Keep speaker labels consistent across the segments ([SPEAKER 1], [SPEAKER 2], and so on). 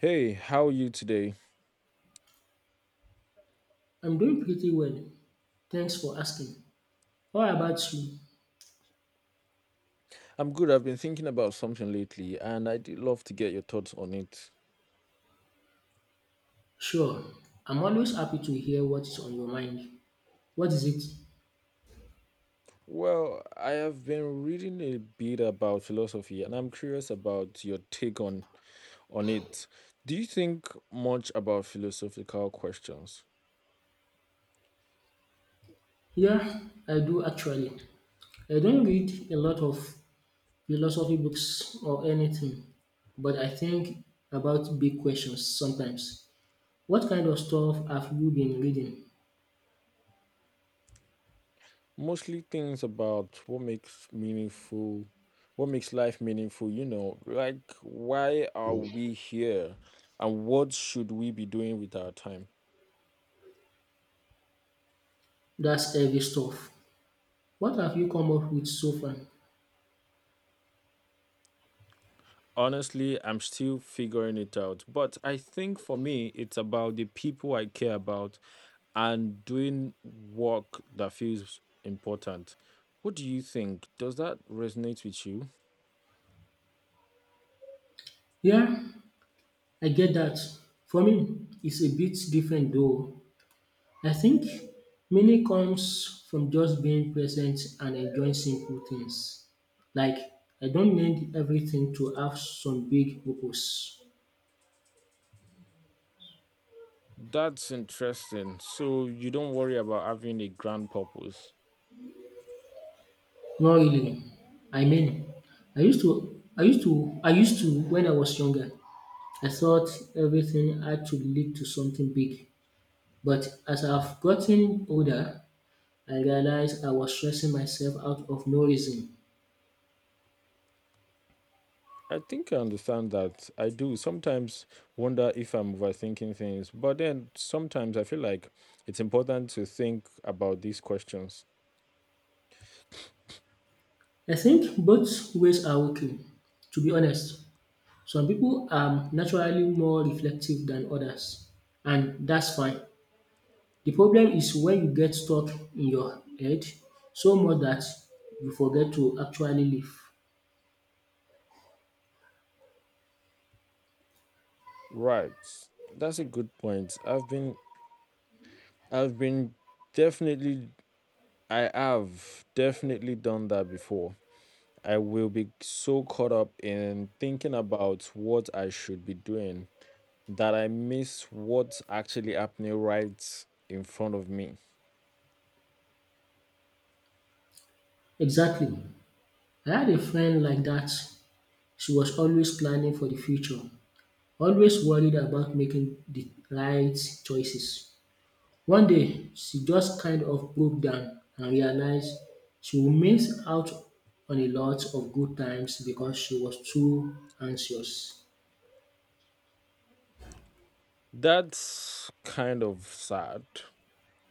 [SPEAKER 1] Hey, how are you today?
[SPEAKER 2] I'm doing pretty well. Thanks for asking. How about you?
[SPEAKER 1] I'm good. I've been thinking about something lately, and I'd love to get your thoughts on it.
[SPEAKER 2] Sure. I'm always happy to hear what is on your mind. What is it?
[SPEAKER 1] Well, I have been reading a bit about philosophy, and I'm curious about your take on it. Do you think much about philosophical questions?
[SPEAKER 2] Yeah, I do actually. I don't read a lot of philosophy books or anything, but I think about big questions sometimes. What kind of stuff have you been reading?
[SPEAKER 1] Mostly things about what makes meaningful, what makes life meaningful, like why are we here, and what should we be doing with our time?
[SPEAKER 2] That's heavy stuff. What have you come up with so far?
[SPEAKER 1] Honestly, I'm still figuring it out. But I think for me, it's about the people I care about and doing work that feels important. What do you think? Does that resonate with you?
[SPEAKER 2] Yeah, I get that. For me, it's a bit different though. I think meaning comes from just being present and enjoying simple things. Like, I don't need everything to have some big purpose.
[SPEAKER 1] That's interesting. So you don't worry about having a grand purpose.
[SPEAKER 2] Not really. I mean, I used to when I was younger. I thought everything had to lead to something big. But as I've gotten older, I realized I was stressing myself out of no reason.
[SPEAKER 1] I think I understand that. I do sometimes wonder if I'm overthinking things, but then sometimes I feel like it's important to think about these questions.
[SPEAKER 2] I think both ways are okay, to be honest. Some people are naturally more reflective than others, and that's fine. The problem is when you get stuck in your head so much that you forget to actually live.
[SPEAKER 1] Right. That's a good point. I've been definitely, I have definitely done that before. I will be so caught up in thinking about what I should be doing that I miss what's actually happening right in front of me.
[SPEAKER 2] Exactly. I had a friend like that. She was always planning for the future, always worried about making the right choices. One day, she just kind of broke down and realized she would miss out on a lot of good times because she was too anxious.
[SPEAKER 1] That's kind of sad.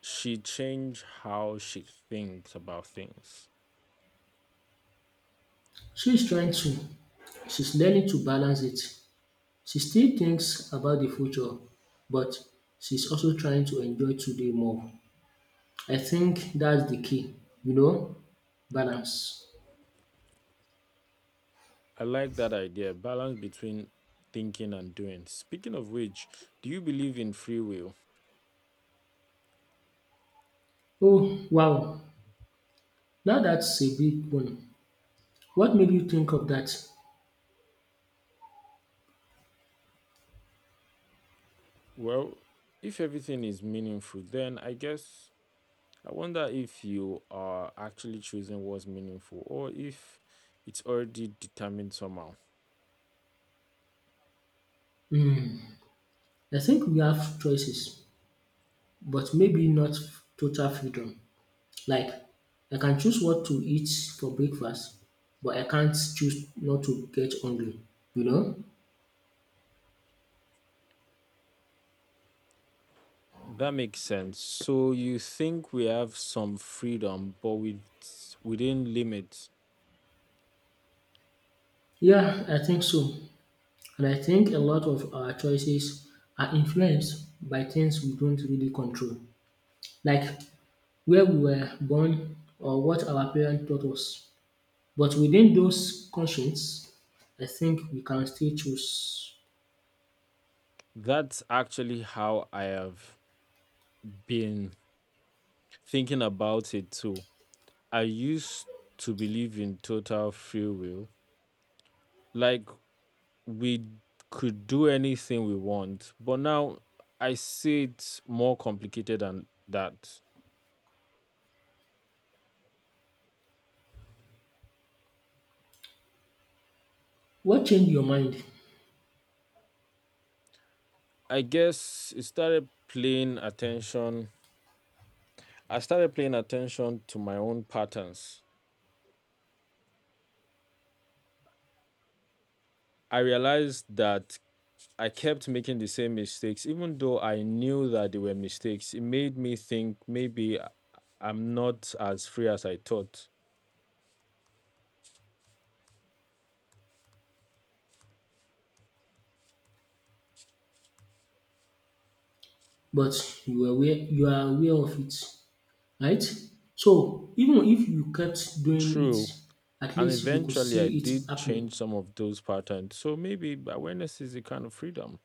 [SPEAKER 1] She changed how she thinks about things.
[SPEAKER 2] She's trying to, she's learning to balance it. She still thinks about the future, but she's also trying to enjoy today more. I think that's the key, you know, balance.
[SPEAKER 1] I like that idea, balance between thinking and doing. Speaking of which, do you believe in free will?
[SPEAKER 2] Oh, wow. Now that's a big one. What made you think of that?
[SPEAKER 1] Well, if everything is meaningful, then I guess I wonder if you are actually choosing what's meaningful or if it's already determined somehow.
[SPEAKER 2] I think we have choices, but maybe not total freedom. Like, I can choose what to eat for breakfast, but I can't choose not to get hungry, you know?
[SPEAKER 1] That makes sense. So you think we have some freedom, but within limits.
[SPEAKER 2] Yeah, I think so. And I think a lot of our choices are influenced by things we don't really control, like where we were born or what our parents taught us. But within those conscience, I think we can still choose.
[SPEAKER 1] That's actually how I have been thinking about it too. I used to believe in total free will. Like we could do anything we want. But now I see it's more complicated than that.
[SPEAKER 2] What changed your mind?
[SPEAKER 1] I guess it started paying attention. I started paying attention to my own patterns. I realized that I kept making the same mistakes, even though I knew that they were mistakes. It made me think maybe am not as free as I thought.
[SPEAKER 2] But you are aware of it, right? So even if you kept doing it,
[SPEAKER 1] True.
[SPEAKER 2] at
[SPEAKER 1] And
[SPEAKER 2] least you could
[SPEAKER 1] eventually I
[SPEAKER 2] see it
[SPEAKER 1] did
[SPEAKER 2] happening.
[SPEAKER 1] change some of those patterns. So maybe awareness is a kind of freedom.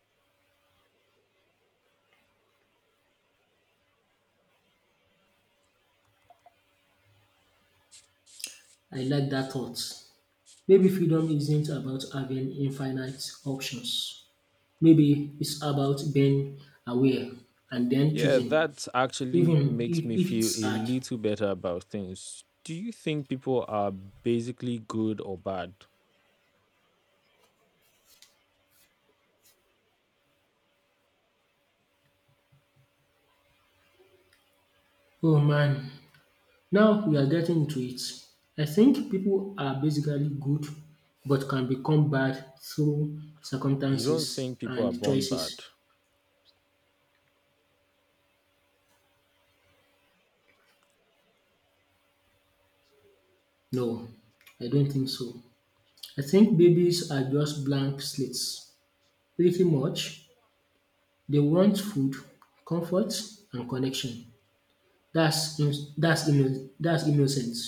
[SPEAKER 2] I like that thought. Maybe freedom isn't about having infinite options. Maybe it's about being aware and then
[SPEAKER 1] Yeah,
[SPEAKER 2] choosing,
[SPEAKER 1] that actually
[SPEAKER 2] even
[SPEAKER 1] makes me
[SPEAKER 2] if
[SPEAKER 1] feel
[SPEAKER 2] it's
[SPEAKER 1] a
[SPEAKER 2] hard.
[SPEAKER 1] little better about things. Do you think people are basically good or bad?
[SPEAKER 2] Oh man, now we are getting into it. I think people are basically good but can become bad through
[SPEAKER 1] You don't
[SPEAKER 2] circumstances
[SPEAKER 1] think people are
[SPEAKER 2] and
[SPEAKER 1] born bad?
[SPEAKER 2] choices. No, I don't think so. I think babies are just blank slates. Pretty much, they want food, comfort, and connection. That's innocence.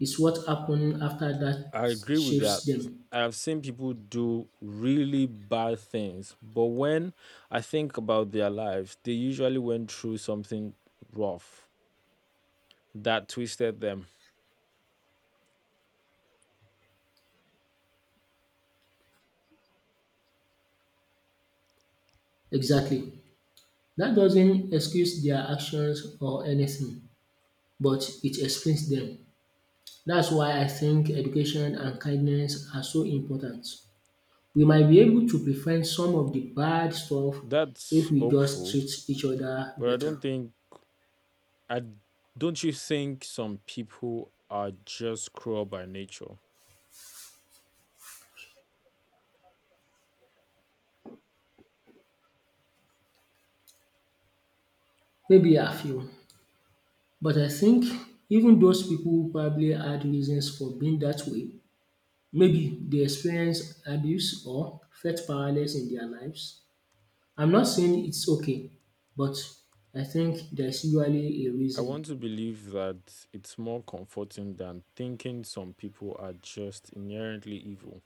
[SPEAKER 2] It's what happens after that
[SPEAKER 1] I agree with
[SPEAKER 2] shapes
[SPEAKER 1] that.
[SPEAKER 2] them.
[SPEAKER 1] I've seen people do really bad things, but when I think about their lives, they usually went through something rough that twisted them.
[SPEAKER 2] Exactly. That doesn't excuse their actions or anything, but it explains them. That's why I think education and kindness are so important. We might be able to prevent some of the bad stuff if
[SPEAKER 1] That's
[SPEAKER 2] we just
[SPEAKER 1] hopeful,
[SPEAKER 2] treat each other
[SPEAKER 1] but I
[SPEAKER 2] better.
[SPEAKER 1] don't think I don't you think some people are just cruel by nature?
[SPEAKER 2] Maybe a few, but I think even those people probably had reasons for being that way. Maybe they experienced abuse or felt powerless in their lives. I'm not saying it's okay, but I think there's usually a
[SPEAKER 1] I
[SPEAKER 2] reason,
[SPEAKER 1] want to believe that it's more comforting than thinking some people are just inherently evil.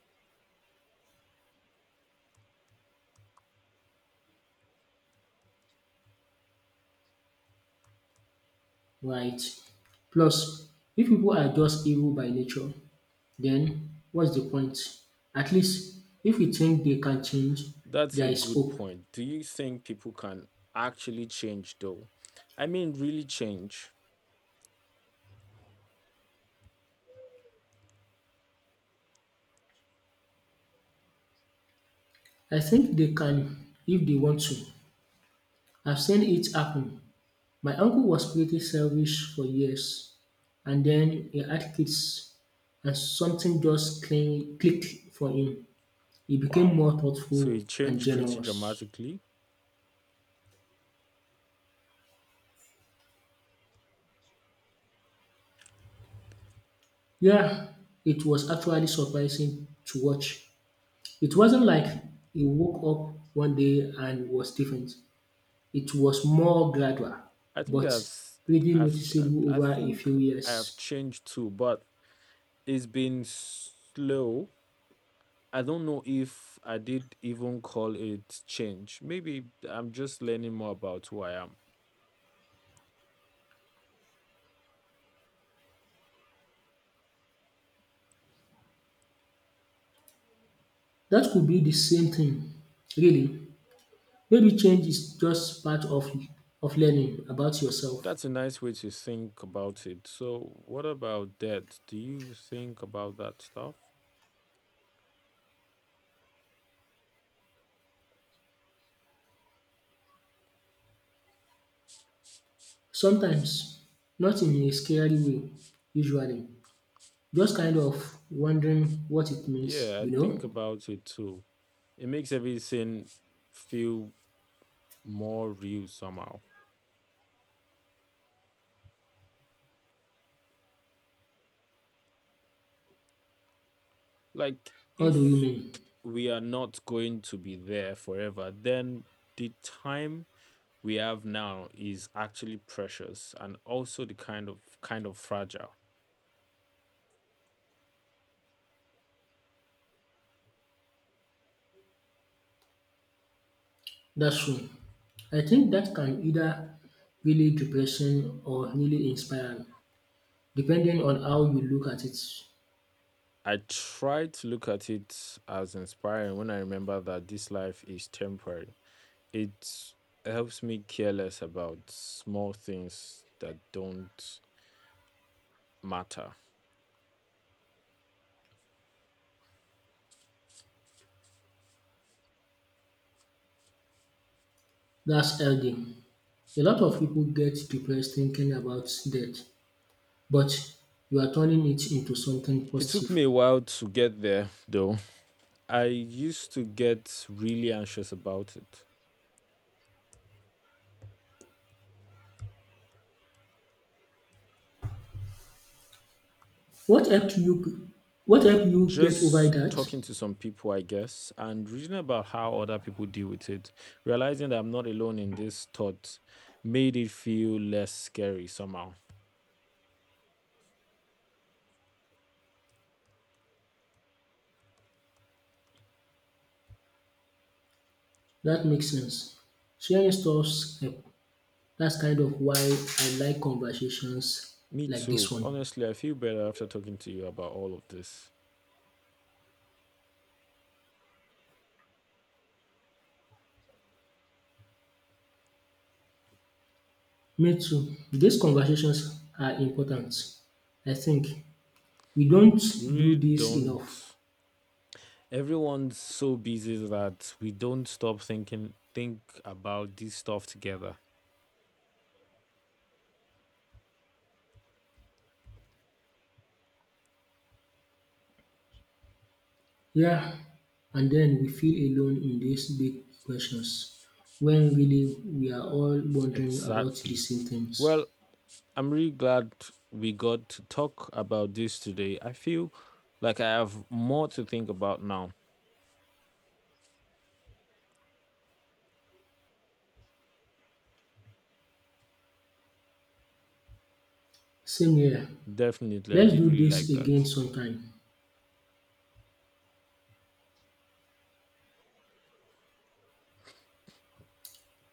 [SPEAKER 2] right? Plus, if people are just evil by nature, then what's the point? At least if we think they can change,
[SPEAKER 1] That's a
[SPEAKER 2] there is
[SPEAKER 1] good
[SPEAKER 2] hope.
[SPEAKER 1] point. Do you think people can actually change though? I mean, really change.
[SPEAKER 2] I think they can if they want to. I've seen it happen. My uncle was pretty selfish for years, and then he had kids, and something just clicked for him. He became
[SPEAKER 1] Wow.
[SPEAKER 2] more
[SPEAKER 1] So
[SPEAKER 2] thoughtful
[SPEAKER 1] it
[SPEAKER 2] and
[SPEAKER 1] changed pretty
[SPEAKER 2] generous.
[SPEAKER 1] dramatically.
[SPEAKER 2] Yeah, it was actually surprising to watch. It wasn't like he woke up one day and was different. It was more gradual,
[SPEAKER 1] I think
[SPEAKER 2] but
[SPEAKER 1] I've, s-
[SPEAKER 2] pretty
[SPEAKER 1] I've, s-
[SPEAKER 2] noticeable
[SPEAKER 1] I
[SPEAKER 2] over a
[SPEAKER 1] think
[SPEAKER 2] few
[SPEAKER 1] I have
[SPEAKER 2] years.
[SPEAKER 1] changed too, but it's been slow. I don't know if I did even call it change. Maybe I'm just learning more about who I am.
[SPEAKER 2] That could be the same thing, really. Maybe change is just part of learning about yourself.
[SPEAKER 1] That's a nice way to think about it. So, what about debt? Do you think about that stuff?
[SPEAKER 2] Sometimes, not in a scary way usually, just kind of wondering what it means,
[SPEAKER 1] Yeah, I
[SPEAKER 2] you
[SPEAKER 1] think
[SPEAKER 2] know.
[SPEAKER 1] about it too. It makes everything feel more real somehow. Like,
[SPEAKER 2] How do you
[SPEAKER 1] if
[SPEAKER 2] mean?
[SPEAKER 1] we are not going to be there forever, then the time we have now is actually precious and also the kind of fragile.
[SPEAKER 2] That's true. I think that can either really depression or really inspiring depending on how you look at it.
[SPEAKER 1] I try to look at it as inspiring when I remember that this life is temporary. It helps me care less about small things that don't matter.
[SPEAKER 2] That's healthy. A lot of people get depressed thinking about death, but you are turning it into something
[SPEAKER 1] It took
[SPEAKER 2] positive.
[SPEAKER 1] me a while to get there, though. I used to get really anxious about it.
[SPEAKER 2] What helped you what helped you get over
[SPEAKER 1] Just
[SPEAKER 2] that?
[SPEAKER 1] talking to some people, I guess, and reading about how other people deal with it, realizing that I'm not alone in this thought, made it feel less scary somehow.
[SPEAKER 2] That makes sense. Sharing stuffs help. That's kind of why I like conversations
[SPEAKER 1] Me
[SPEAKER 2] like this
[SPEAKER 1] too.
[SPEAKER 2] one.
[SPEAKER 1] Honestly, I feel better after talking to you about all of this.
[SPEAKER 2] Me too. These conversations are important. I think we don't
[SPEAKER 1] We really
[SPEAKER 2] do this enough.
[SPEAKER 1] don't— everyone's so busy that we don't stop think about this stuff together.
[SPEAKER 2] Yeah, and then we feel alone in these big questions when really we are all wondering about the
[SPEAKER 1] Exactly.
[SPEAKER 2] same things.
[SPEAKER 1] Well, I'm really glad we got to talk about this today. I feel like I have more to think about now.
[SPEAKER 2] Same here.
[SPEAKER 1] Definitely, I
[SPEAKER 2] Let's
[SPEAKER 1] did
[SPEAKER 2] do
[SPEAKER 1] really
[SPEAKER 2] this
[SPEAKER 1] like
[SPEAKER 2] again
[SPEAKER 1] that.
[SPEAKER 2] sometime.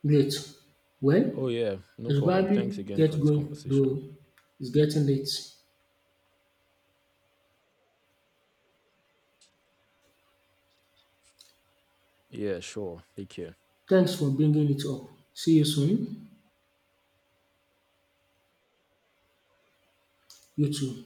[SPEAKER 2] Great. Well,
[SPEAKER 1] Oh yeah,
[SPEAKER 2] I
[SPEAKER 1] no
[SPEAKER 2] should
[SPEAKER 1] problem. Thanks
[SPEAKER 2] probably
[SPEAKER 1] again for
[SPEAKER 2] get
[SPEAKER 1] this
[SPEAKER 2] going,
[SPEAKER 1] conversation.
[SPEAKER 2] though it's getting late.
[SPEAKER 1] Yeah, sure. Take care.
[SPEAKER 2] Thanks for bringing it up. See you soon. You too.